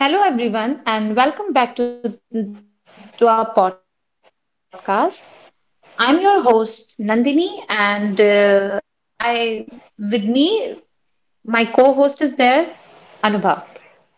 Hello, everyone, and welcome back to our podcast. I'm your host, Nandini, and with me, my co-host is there, Anubha.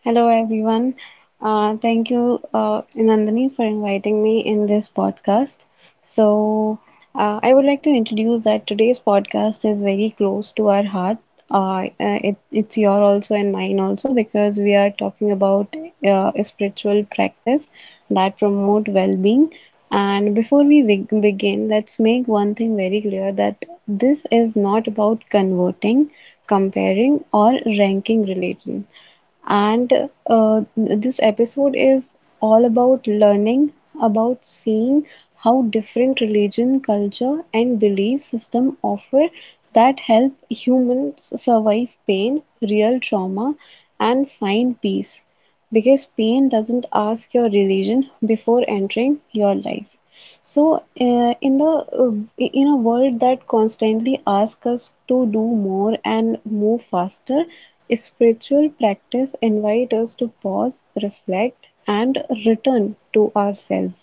Hello, everyone. Thank you, Nandini, for inviting me in this podcast. So, I would like to introduce that today's podcast is very close to our heart. It's your also and mine also because we are talking about a spiritual practice that promote well-being. And before we begin, let's make one thing very clear that this is not about converting, comparing, or ranking religion, and this episode is all about learning, about seeing how different religion, culture, and belief system offer that help humans survive pain, real trauma, and find peace. Because pain doesn't ask your religion before entering your life. So, in a world that constantly asks us to do more and move faster, spiritual practice invites us to pause, reflect, and return to ourselves,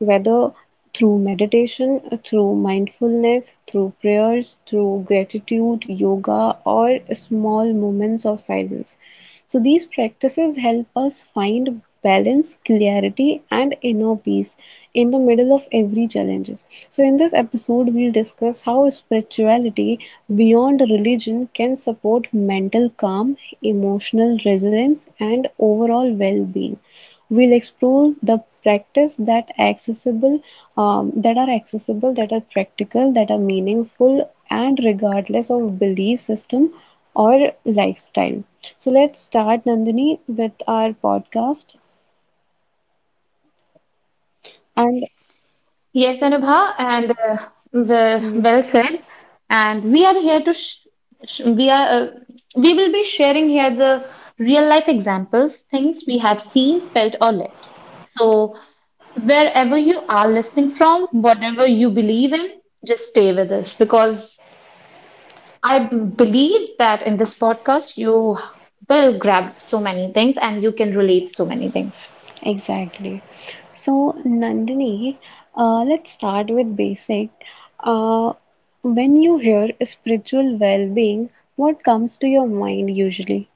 whether through meditation, through mindfulness, through prayers, through gratitude, yoga, or small moments of silence. So, these practices help us find balance, clarity, and inner peace in the middle of every challenges. So, in this episode, we'll discuss how spirituality beyond religion can support mental calm, emotional resilience, and overall well being. We'll explore the practice that accessible, that are accessible, that are practical, that are meaningful, and regardless of belief system or lifestyle. So let's start, Nandini, with our podcast. And Yes, Anubha, mm, well said. And we are here to sh sh we are we will be sharing here the real life examples, things we have seen, felt, or lived. So wherever you are listening from, whatever you believe in, just stay with us because I believe that in this podcast, you will grab so many things and you can relate so many things. exactly. So, Nandini, let's start with basic. uh, when you hear spiritual well-being, what comes to your mind usually?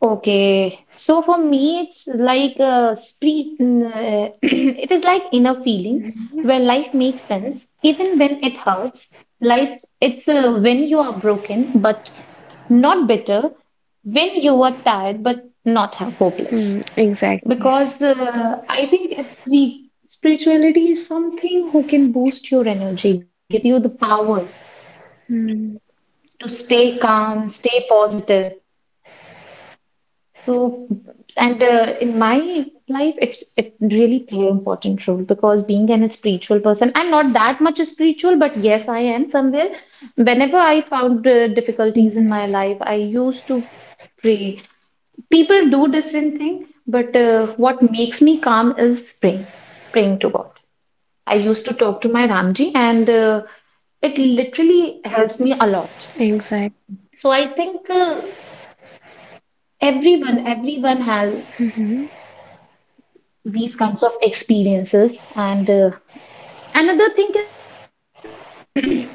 Okay, so for me, it's like a it is like inner feeling where life makes sense, even when it hurts. Life, it's when you are broken, but not bitter, when you are tired, but not ho- hopeless. Hmm, exactly. Because I think a spirituality is something who can boost your energy, gives you the power Hmm, to stay calm, stay positive. So, and in my life, it really play an important role because being an a spiritual person, I'm not that much spiritual, but yes, I am somewhere. Whenever I found difficulties in mhm. my life, I used to pray. People do different thing, but what makes me calm is praying, praying to God. I used to talk to my Ramji, and it literally helps me a lot. Exactly. So I think everyone has these kinds of experiences. And another thing is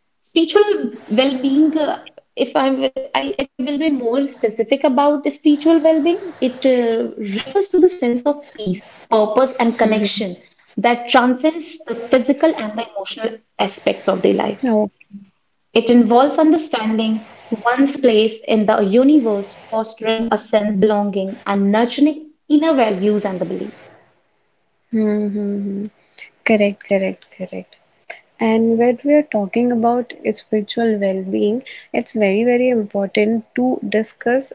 spiritual well-being. If I will be more specific about spiritual well-being, it refers to the sense of peace, purpose, and connection that transcends the physical and the emotional aspects of the life. Oh, It involves understanding one's place in the universe, fostering a sense belonging, and nurturing inner values and the belief. hmm, hmm, hmm. Correct, correct, correct. And when we are talking about spiritual well-being, it's very, very important to discuss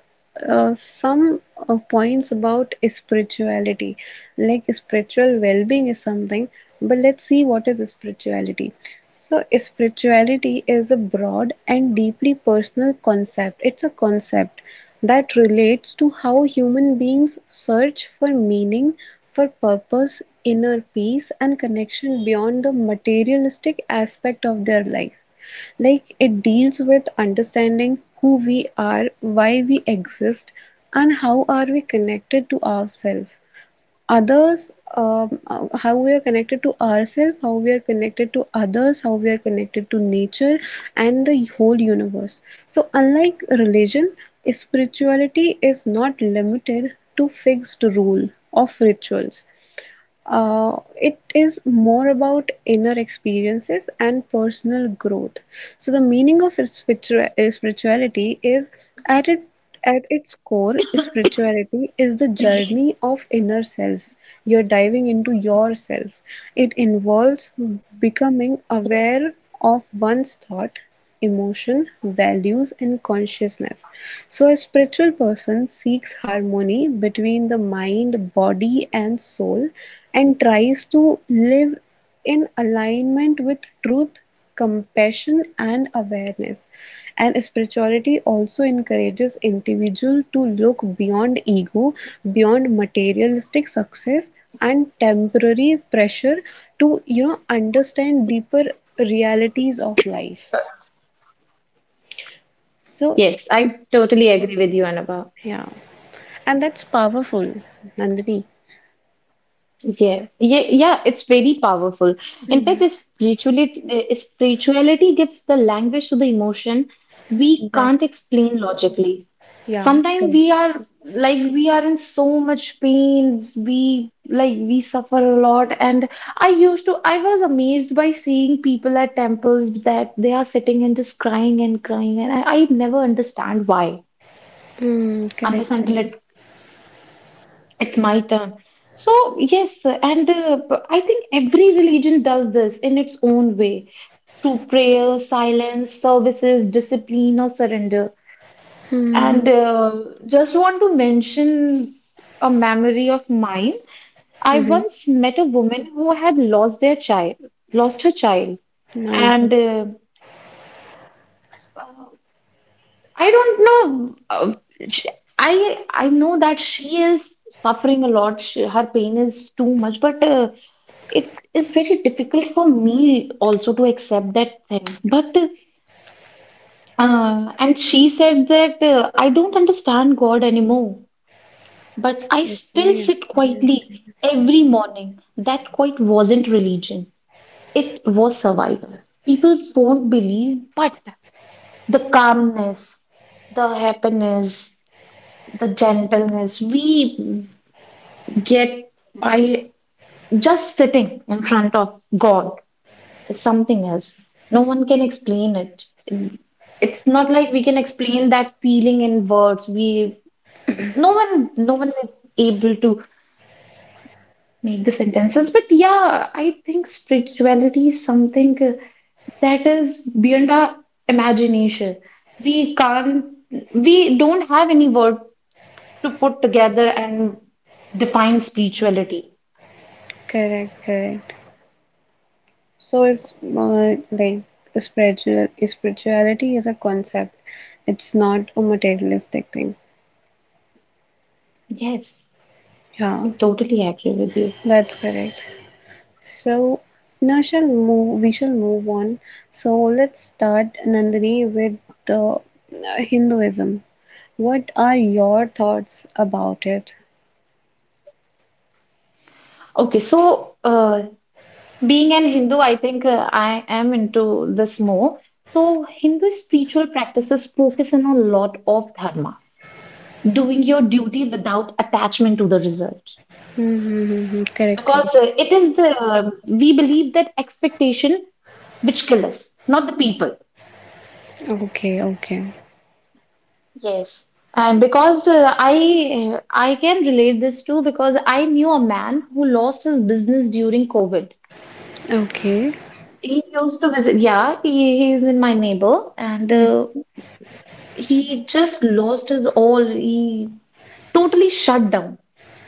some points about spirituality. Like spiritual well-being is something, but let's see what is spirituality. So, spirituality is a broad and deeply personal concept. It's a concept that relates to how human beings search for meaning, for purpose, inner peace, and connection beyond the materialistic aspect of their life. Like it deals with understanding who we are, why we exist, and how are we connected to ourselves, others, how we are connected to ourselves, how we are connected to others, how we are connected to nature and the whole universe. So unlike religion, spirituality is not limited to fixed rule of rituals. It is more about inner experiences and personal growth. So the meaning of spirituality is, at it at its core, spirituality is the journey of inner self. You're diving into yourself. It involves becoming aware of one's thought, emotion, values, and consciousness. So, a spiritual person seeks harmony between the mind, body, and soul, and tries to live in alignment with truth, compassion, and awareness. And spirituality also encourages individual to look beyond ego, beyond materialistic success and temporary pressure, to you know understand deeper realities of So, life. So, yes, I totally agree with you, Anubhav. yeah, and that's powerful, Nandini. Yeah, yeah, yeah, it's very powerful. In fact, spirituality gives the language to the emotion we can't Exactly. explain logically. Yeah, Sometimes correct. we are we are in so much pain, we like we suffer a lot, and I used to I was amazed by seeing people at temples that they are sitting and just crying and crying, and I never understand why Hmm, correct, unless until correct. It's my turn. So yes, and I think every religion does this in its own way through prayer, silence, services, discipline, or surrender. And Hmm, just want to mention a memory of mine. I hmm. once met a woman who had lost their child, lost her child, My God. and I don't know. Sh I know that she is suffering a lot. She, her pain is too much, but it is very difficult for me also to accept that thing. But and she said that I don't understand God anymore. But I still Yeah, sit yeah. quietly every morning. That quite wasn't religion, it was survival. People won't believe, but the calmness, the happiness, the gentleness we get by just sitting in front of God is something else. No one can explain it. It's not like we can explain that feeling in words. We no one no one is able to make the sentences. But yeah, I think spirituality is something that is beyond our imagination. We can't, we don't have any word to put together and define spirituality. Correct, correct. So it's like, spiritual spirituality is a concept. It's not a materialistic thing. Yes, I Yeah, totally agree with you. that's correct. So now shall move we shall move on. So let's start, Nandini, with the Hinduism. What are your thoughts about it? Okay, so being an Hindu, I think I am into this more. So, Hindu spiritual practices focus on a lot of dharma, doing your duty without attachment to the result. Hmm, hmm, hmm, hmm. Correct, Because correct. It is the we believe that expectation which kill us, not the people. Okay, okay, Yes, and because I can relate this too because I knew a man who lost his business during COVID. okay. He used to visit. Yeah, he is in my neighbor, and he just lost his all. He totally shut down.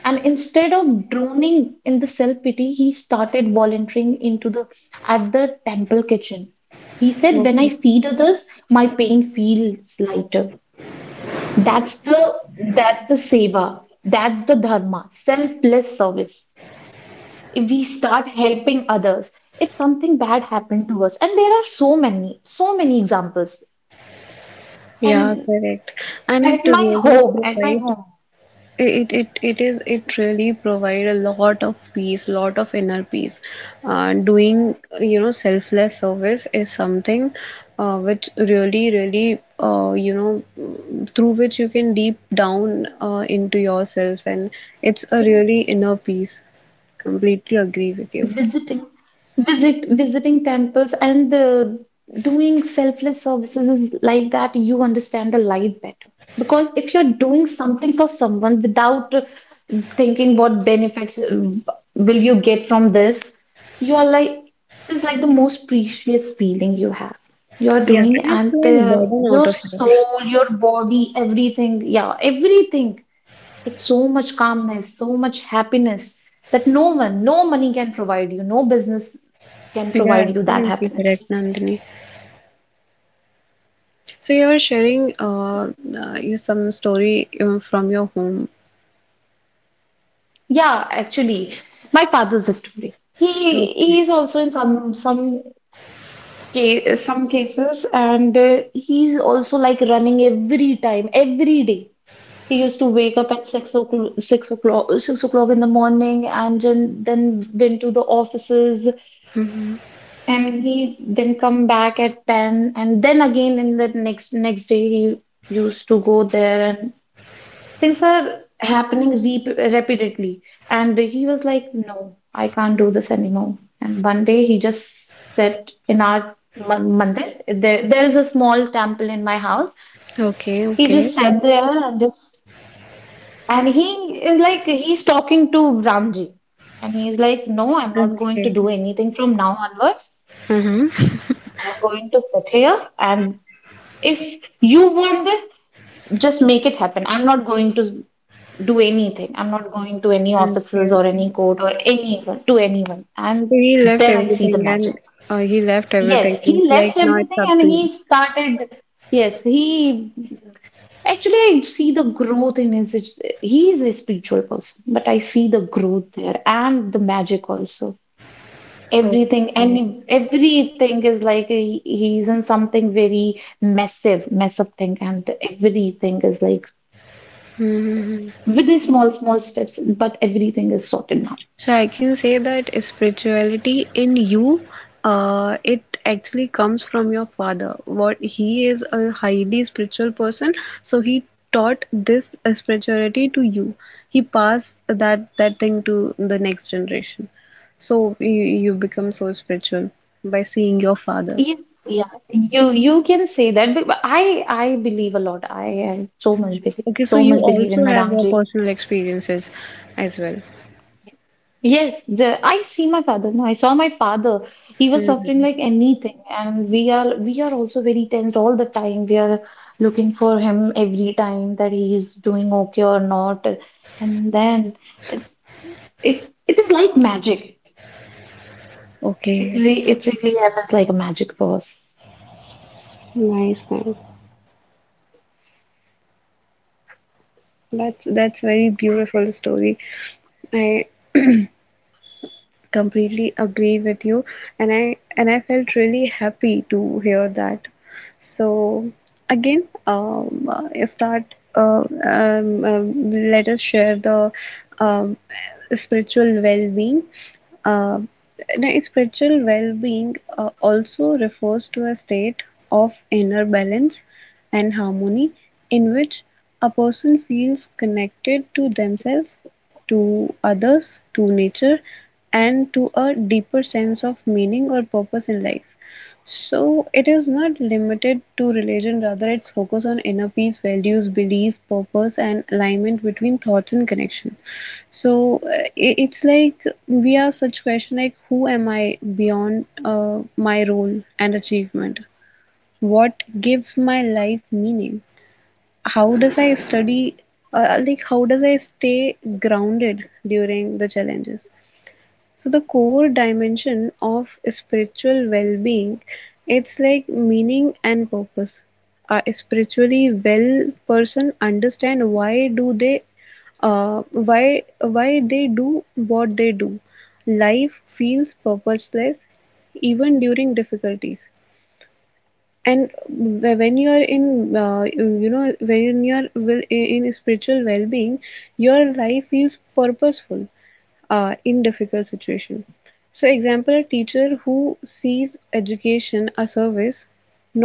And instead of drowning in the self pity, he started volunteering into the at the temple kitchen. He said, "When I feed others, my pain feels lighter." That's the seva. That's the dharma, selfless service. If we start helping others, if something bad happened to us, and there are so many, so many examples. Yeah, And correct. And at it my really home, at my provides, home. it really provide a lot of peace, lot of inner peace. Doing, you know, selfless service is something which really, really, you know, through which you can deep down into yourself, and it's a really inner peace. Completely agree with you. Visiting, visiting temples and doing selfless services is like that. You understand the life better because if you're doing something for someone without thinking what benefits will you get from this, you are like it is like the most precious feeling you have. You're Yeah, doing and it's and like burden out your of your. soul, your body, everything. Yeah, everything, it's so much calmness, so much happiness that no one, no money can provide you, no business can Yeah, provide you that absolutely happiness. correct, Nandini. So you were sharing, you some story from your home. Yeah, actually, my father's story. He Okay. is also in some case, some cases, and he's also like running every time, every day. He used to wake up at 6 o'clock, 6 o'clock, 6 o'clock in the morning, and then went to the offices, Mhm. and he then come back at 10, and then again in the next next day he used to go there, and things are happening repeatedly, and he was like, no, I can't do this anymore. And one day he just sat in our mandir. There is a small temple in my house. Okay, He okay, just sat there and just, and he is like he's talking to Ramji, and he's like, no, I'm not going to okay. do anything from now onwards. Mm-hmm. I'm going to sit here, and if you want this, just make it happen. I'm not going to do anything. I'm not going to any offices Okay. or any court or anyone to anyone. And So he left then I see the everything. And magic. He left everything. Yes, he It's like, left now it's everything up and to you. he started. Yes, he, actually I see the growth in his. He is a spiritual person, but I see the growth there and the magic also. Everything Okay. and everything is like he's in something very massive, massive thing, and everything is like Mm-hmm. very small, small steps, but everything is sorted now. So I can say that spirituality in you, it actually comes from your father. What he is a highly spiritual person, so he taught this spirituality to you. He passed that thing to the next generation. So you become so spiritual by seeing your father. Yes, yeah, you can say that, but I believe a lot. I have Okay, so so you much belief also in have Madame your J. personal experiences as well. Yes, I see my father. No, I saw my father. He was suffering like anything, and we are also very tense all the time. We are looking for him every time that he is doing okay or not. And then it's it it is like magic. It Okay, re it really happens like a magic for us. nice, nice. That's very beautiful story. I completely agree with you, and I felt really happy to hear that. So again, start let us share the um, spiritual well-being. uh, the spiritual well-being also refers to a state of inner balance and harmony, in which a person feels connected to themselves, to others, to nature, and to a deeper sense of meaning or purpose in life. So it is not limited to religion, rather, its focus on inner peace, values, belief, purpose, and alignment between thoughts and connection. So it's like we ask such question like, who am I beyond my role and achievement? What gives my life meaning? How does I study, like, how does I stay grounded during the challenges? So the core dimension of spiritual well-being, it's like meaning and purpose. A spiritually well person understand why do they, why they do what they do. Life feels purposeless even during difficulties, and when you are in, you know, when in spiritual well-being, your life feels purposeful in difficult situation. So, example, a teacher who sees education a service,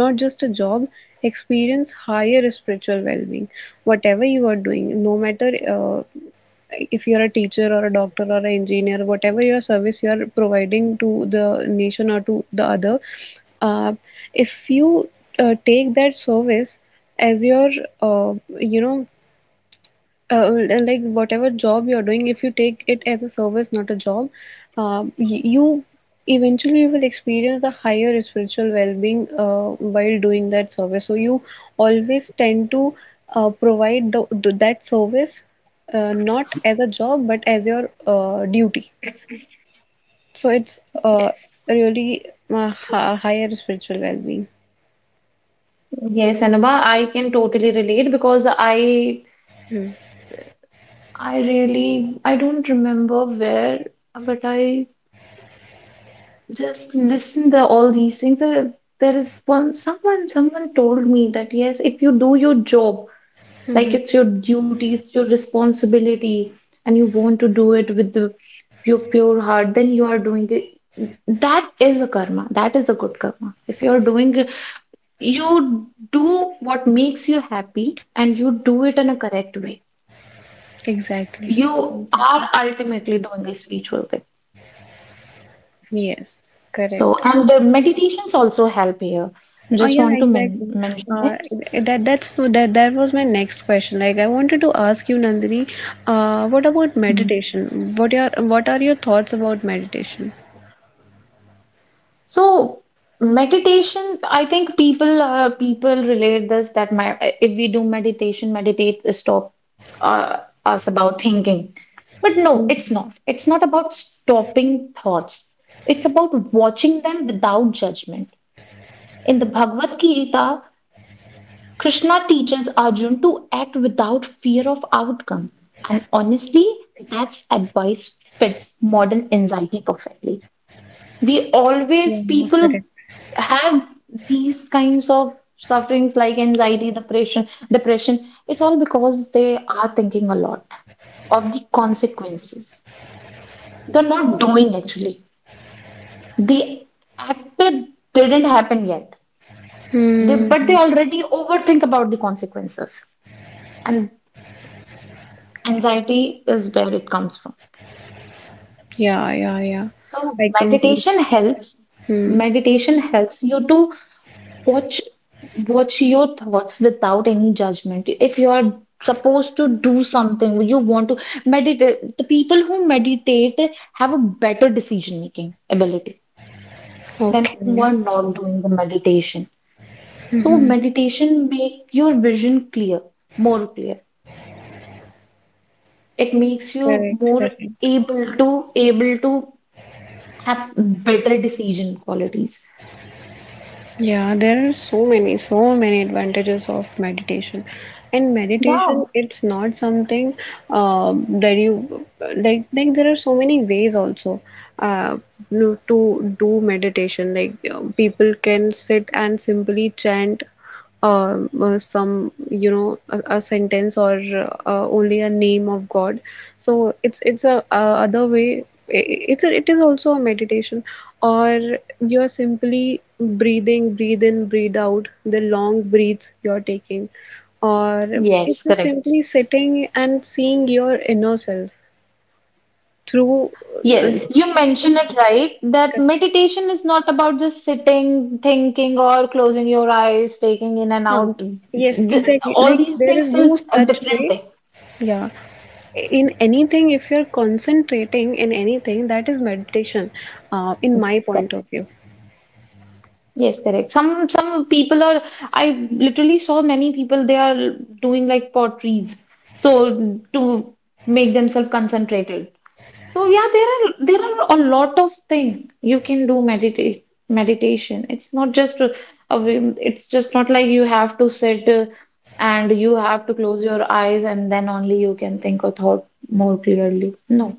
not just a job, experience higher spiritual well-being. Whatever you are doing, no matter if you're a teacher or a doctor or an engineer, whatever your service you are providing to the nation or to the other, uh, if you take that service as your, uh, you know, uh, like, whatever job you're doing, if you take it as a service, not a job, you eventually will experience a higher spiritual well-being while doing that service. So you always tend to provide that service, not as a job but as your duty. So it's Yes. really higher spiritual well-being. Yes, Anubha, I can totally relate because I really I don't remember where, but I just listen to all these things. There is one someone told me that yes, if you do your job, like Hmm. it's your duty, it's your responsibility, and you want to do it with your pure heart, then you are doing it. That is a karma. That is a good karma. If you are doing, it- you do what makes you happy, and you do it in a correct way. Exactly. You are Exactly. ultimately doing a spiritual thing. Yes, So, correct. and the meditations also help here. Oh Just yeah, want to exactly. mention Uh, it. that that was my next question. Like I wanted to ask you, Nandini, what about Mm. meditation? What are your thoughts about meditation? So, meditation, I think people relate this that my if we do meditation, meditate stops us about thinking. But no, it's not. It's not about stopping thoughts. It's about watching them without judgment. In the Bhagavad Gita, Krishna teaches Arjun to act without fear of outcome. And honestly, that's advice fits modern anxiety perfectly. Yeah, People correct. have these kinds of sufferings like anxiety, depression, depression. It's all because they are thinking a lot of the consequences. They're not doing actually. The acted didn't happen yet. They, but they Hmm. already overthink about the consequences. And anxiety is where it comes from. Yeah, yeah, yeah. So I completely. Hmm. meditation helps you to watch watch your thoughts without any judgment. If you are supposed to do something, you want to meditate. The people who meditate have a better decision making ability than who Okay. are not doing the meditation. So Hmm. meditation make your vision clear, more clear. It makes you Correct, more correct. able to able to have better decision qualities. Yeah, there are so many, so many advantages of meditation. And meditation, Wow. it's not something that you like. Like, there are so many ways also, uh, to do meditation. Like, people can sit and simply chant some, you know, a sentence, or only a name of God. So it's a other way. It's it is also a meditation, or you're simply breathing, breathe in, breathe out, the long breaths you're taking, or it's Yes, just correct. simply sitting and seeing your inner self through. Uh, Yes, you mentioned it right that meditation is not about just sitting, thinking, or closing your eyes, taking in and huh. out. Yes, Th- exactly. all Like, these there is things no is a such different way. thing. Yeah. In anything, if you're concentrating in anything, that is meditation, in my point of view. Yes, correct. Some people are, I literally saw many people they are doing like potteries so to make themselves concentrated. So yeah, there are a lot of things you can do meditate meditation. It's not just it's just not like you have to sit and you have to close your eyes and then only you can think or thought more clearly. No.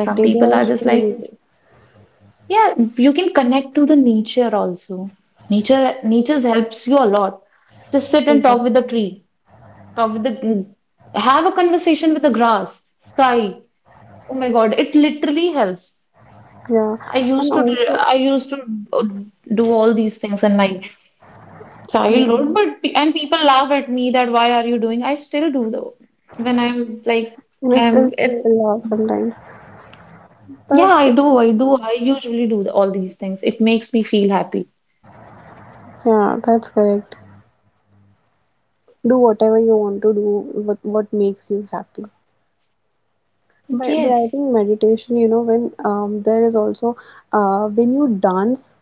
Some people There are are so just like, many ways. yeah, you can connect to the nature also. Nature helps you a lot. Just sit and Exactly. talk with the tree, talk with the, have a conversation with the grass, sky. Oh my God, it literally helps. Yeah. I And used to, also, I used to do all these things in my yeah. childhood, but and people laugh at me that why are you doing? I still do though. When I'm like, And still I'm, in people laugh sometimes. Yeah, That I is, do, I do, I usually do all these things. It makes me feel happy. yeah, that's correct. Do whatever you want to do, what makes you happy. But I Yes. think meditation, you know, when there is also, uh when you dance,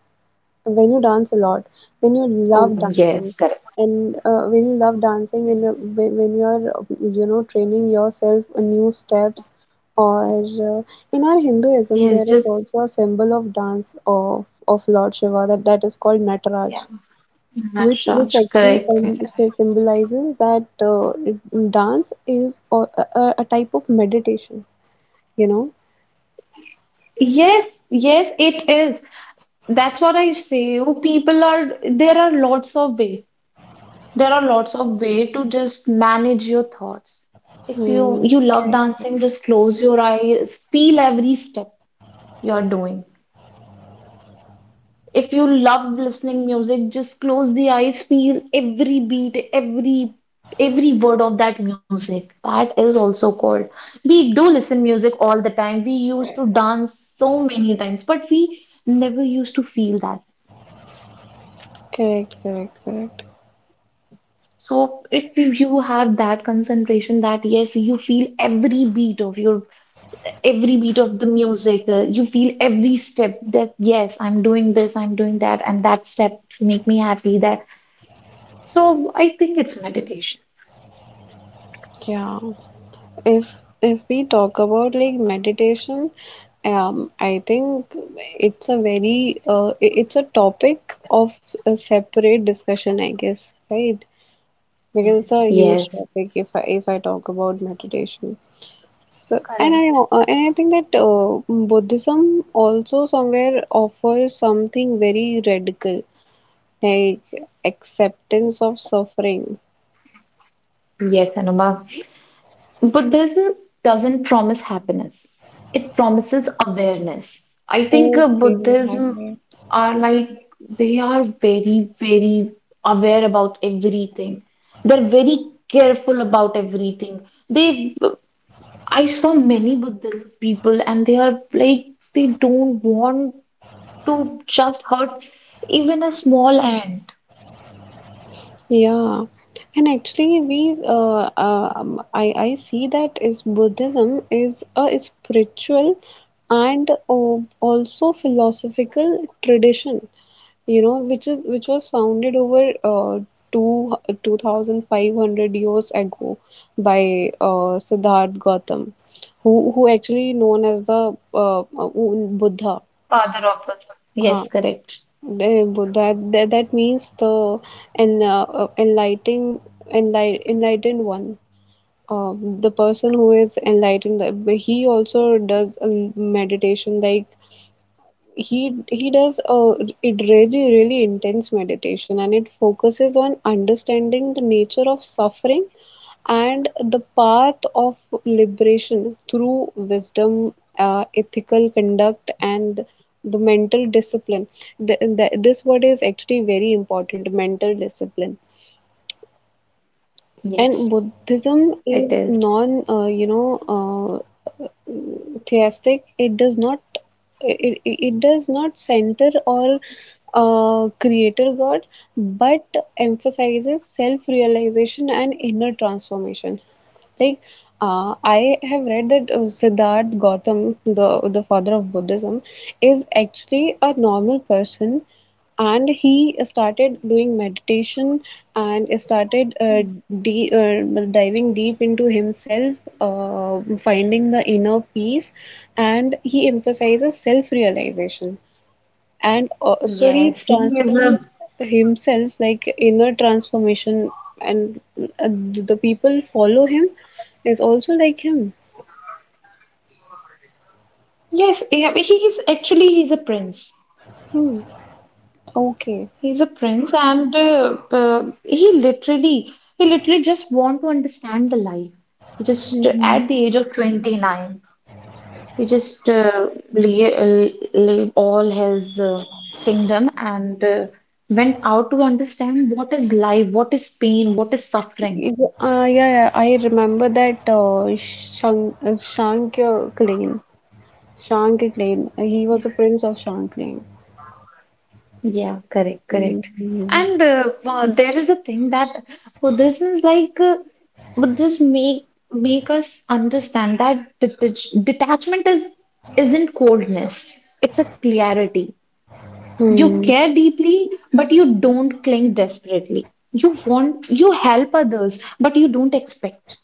when you dance a lot, when you Oh, love yes, dancing, correct. and when you're, you know, training yourself new steps, or uh, in our Hinduism Yes, there is just also a symbol of dance of Lord Shiva, that is called yeah, Nataraj. Which Maharashtra, actually correct, correct. Symbolizes that, dance is a type of meditation, you know? Yes, yes, it is. That's what I say. You people are There are lots of way. There are lots of way to just manage your thoughts. If you Hmm. you love Correct, dancing, just close your eyes, feel every step you're doing. If you love listening music, just close the eyes, feel every beat, every word of that music. That is also called. We do listen music all the time. We used to dance so many times, but we never used to feel that. correct, correct, correct. So if you have that concentration that yes, you feel every beat of your every beat of the music, you feel every step that yes, I'm doing this, I'm doing that, and that steps make me happy. That so I think it's meditation. Yeah. If we talk about like meditation, I think it's a very, it's a topic of a separate discussion, I guess, right? Because it's a huge Yes. topic if I talk about meditation. So, and Correct. I think that Buddhism also somewhere offers something very radical, like acceptance of suffering. Yes, Anuma. Buddhism doesn't promise happiness. It promises awareness. I think Okay, I... Buddhism are like they are very, very aware about everything. They're very careful about everything. I saw many Buddhist people, and they are like they don't want to just hurt even a small ant. Yeah, and actually, we, I see that is Buddhism is a spiritual and also philosophical tradition, you know, which was founded over two 2,500 years ago by Siddharth Gautam, who actually known as the Buddha. Father. Huh. Yes, correct. The Buddha, that means the en, uh, uh, enlightened, enlightened one. The person who is enlightened, he also does a meditation. Like, he does a, it really really intense meditation, and it focuses on understanding the nature of suffering and the path of liberation through wisdom, ethical conduct, and the mental discipline. This word is actually very important, mental discipline. Yes, And it Buddhism is. is non, you know, uh, theistic. It does not, it does not center or creator God, but emphasizes self-realization and inner transformation. Like, I have read that Siddharth Gautam, the father of Buddhism, is actually a normal person and he started doing meditation and started diving deep into himself finding the inner peace, and he emphasizes self-realization, and also he Yes, he is transformed a himself, like inner transformation. And the people follow him is also like him. He is actually he's a prince. Hmm. Okay. He's a prince, and he literally just want to understand the life. He just Hmm. at the age of 29, he just leave all his kingdom and went out to understand what is life, what is pain, what is suffering. Yeah, yeah, I remember that Shankyamuni, Shankyamuni. He was a prince of Shankyamuni. Yeah, correct, correct. Hmm. And there is a thing that Buddhism is like Buddhism make us understand that detachment is isn't coldness. It's a clarity. You Hmm. care deeply, but you don't cling desperately. You help others, but you don't expect.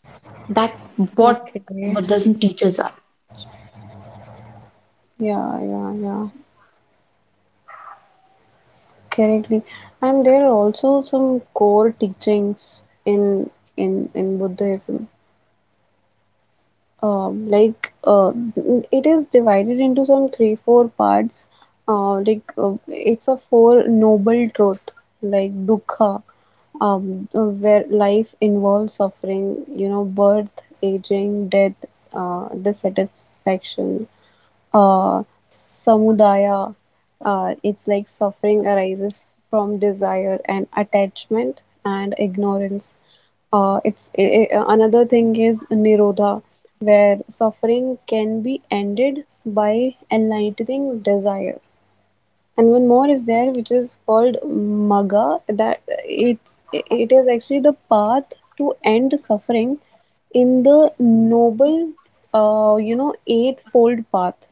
That what Okay. Yeah, Buddhism teaches us. yeah, yeah. Correctly. And there are also some core teachings in in Buddhism. um, like uh, it is divided into some three four parts, it's a four noble truth, like dukkha, where life involves suffering, you know, birth, aging, death, dissatisfaction, uh, samudaya. It's like suffering arises from desire and attachment and ignorance. Another thing is nirodha, where suffering can be ended by enlightening desire. And one more is there, which is called Magga, that it is actually the path to end suffering in the noble, eightfold path.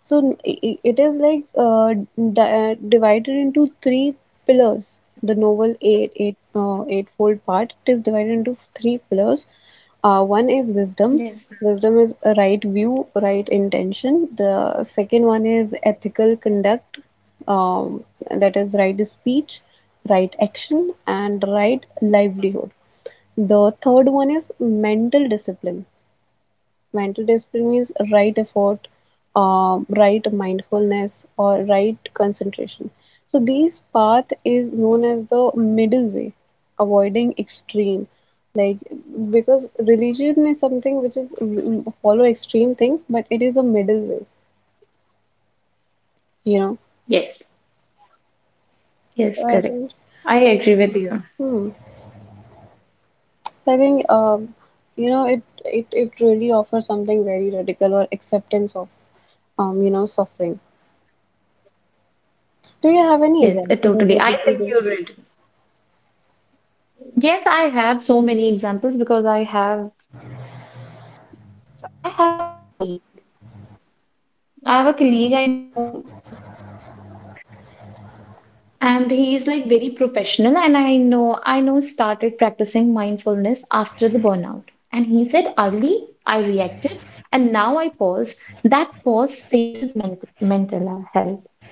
So i- it is like divided into three pillars. The novel eightfold part, it is divided into three pillars. One is wisdom. Yes. Wisdom is a right view, right intention. The second one is ethical conduct, um, that is right speech, right action, and right livelihood. The third one is mental discipline. Mental discipline means right effort, right mindfulness, or right concentration. So these path is known as the middle way, avoiding extreme. Like, because religion is something which is, follow extreme things, but it is a middle way, you know. Yes, So yes, I think, correct. I agree with you. hmm. So I think, it really offers something very radical, or acceptance of, suffering. Do you have any Yes, example totally. I related to think you this? are right. Yes, I have so many examples because I have a colleague. I have a colleague I know and he is like very professional and I know started practicing mindfulness after the burnout. And he said early I reacted and now I pause. That pause saved his mental health.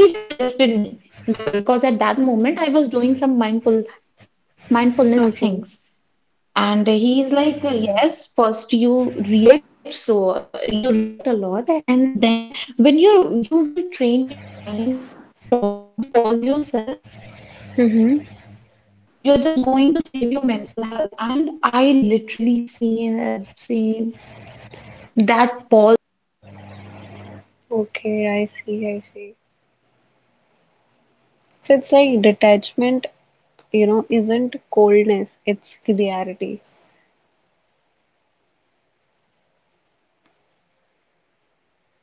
He just suggested me because at that moment I was doing some mindfulness Okay. things. And he is like, yes, first you react so you react a lot, and then when you will train your mind to stop, to pause yourself, Mm-hmm. you are just going to save your mental health. And I literally see that pause in him. He is so calm. Okay, He I never see, I see. reacts too early. He just So it's pauses like his mind for a detachment, moment. He you know, analyzes isn't everything, coldness, it's every question, clarity. and anything I never saw him that he got triggered by something.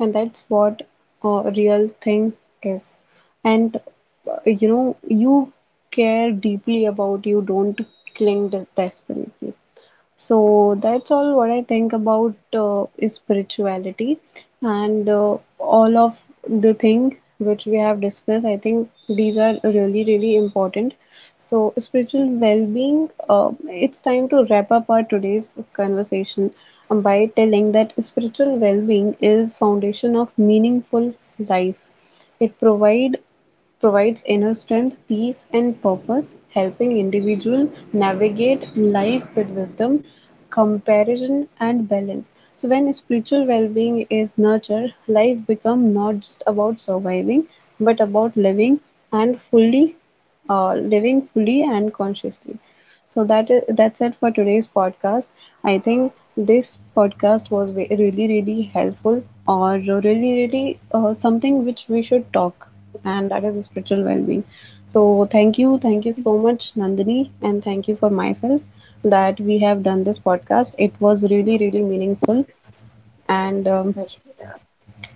And I that's think what a it's real like the thing pause is. theory. And He suggested uh, me you that know, pause theory. you care deeply, He about literally you don't work on it, cling and the desperately. pause theory So that's all what I think about really is saved anyone's spirituality mental and health. If you all of started the doing, thing which we I have think if discussed. you I are think triggered. these are really really important. So spiritual well-being. It's time to wrap up our today's conversation, by telling that spiritual well-being is foundation of meaningful life. It provides inner strength, peace, and purpose, helping individual navigate life with wisdom, comparison, and balance. So when spiritual well-being is nurtured, life becomes not just about surviving, but about living and fully, living fully and consciously. So that's it for today's podcast. I think this podcast was really, really helpful, or really, really something which we should talk, and that is spiritual well-being. So thank you, thank you so much, Nandini, and thank you for myself that we have done this podcast. It was really really meaningful. And Yeah,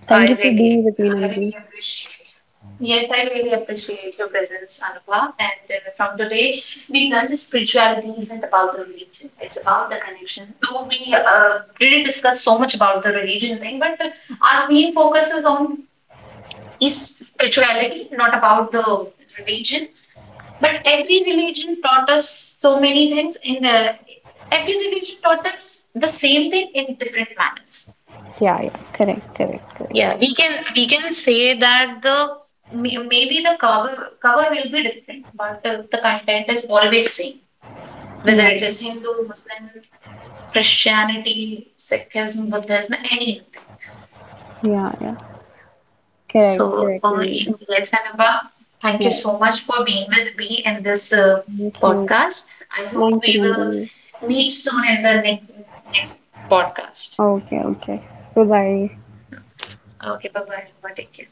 I Thank you for being really, with me, I Nandini. really appreciate. Yes, I really appreciate your presence, Anubhav. And from today, we learned that spirituality isn't about the religion; it's about the connection. Though we really discussed so much about the religion thing, but our main focus is on is spirituality, not about the religion. But every religion taught us so many things. In the Every religion taught us the same thing in different manners. Yeah, yeah, correct, correct, correct. Yeah, we can say that maybe the cover will be different, but the content is always same. Whether Yeah, it is Hindu, Muslim, Christianity, Sikhism, Buddhism, anything. yeah, yeah, correct, So, correct. And yes, Anubhav, thank you yeah, so much for being with me in this thank you, podcast. I hope thank you, we will Nandini. meet soon in the next podcast. Okay, okay, bye bye. Okay, bye bye. Take care.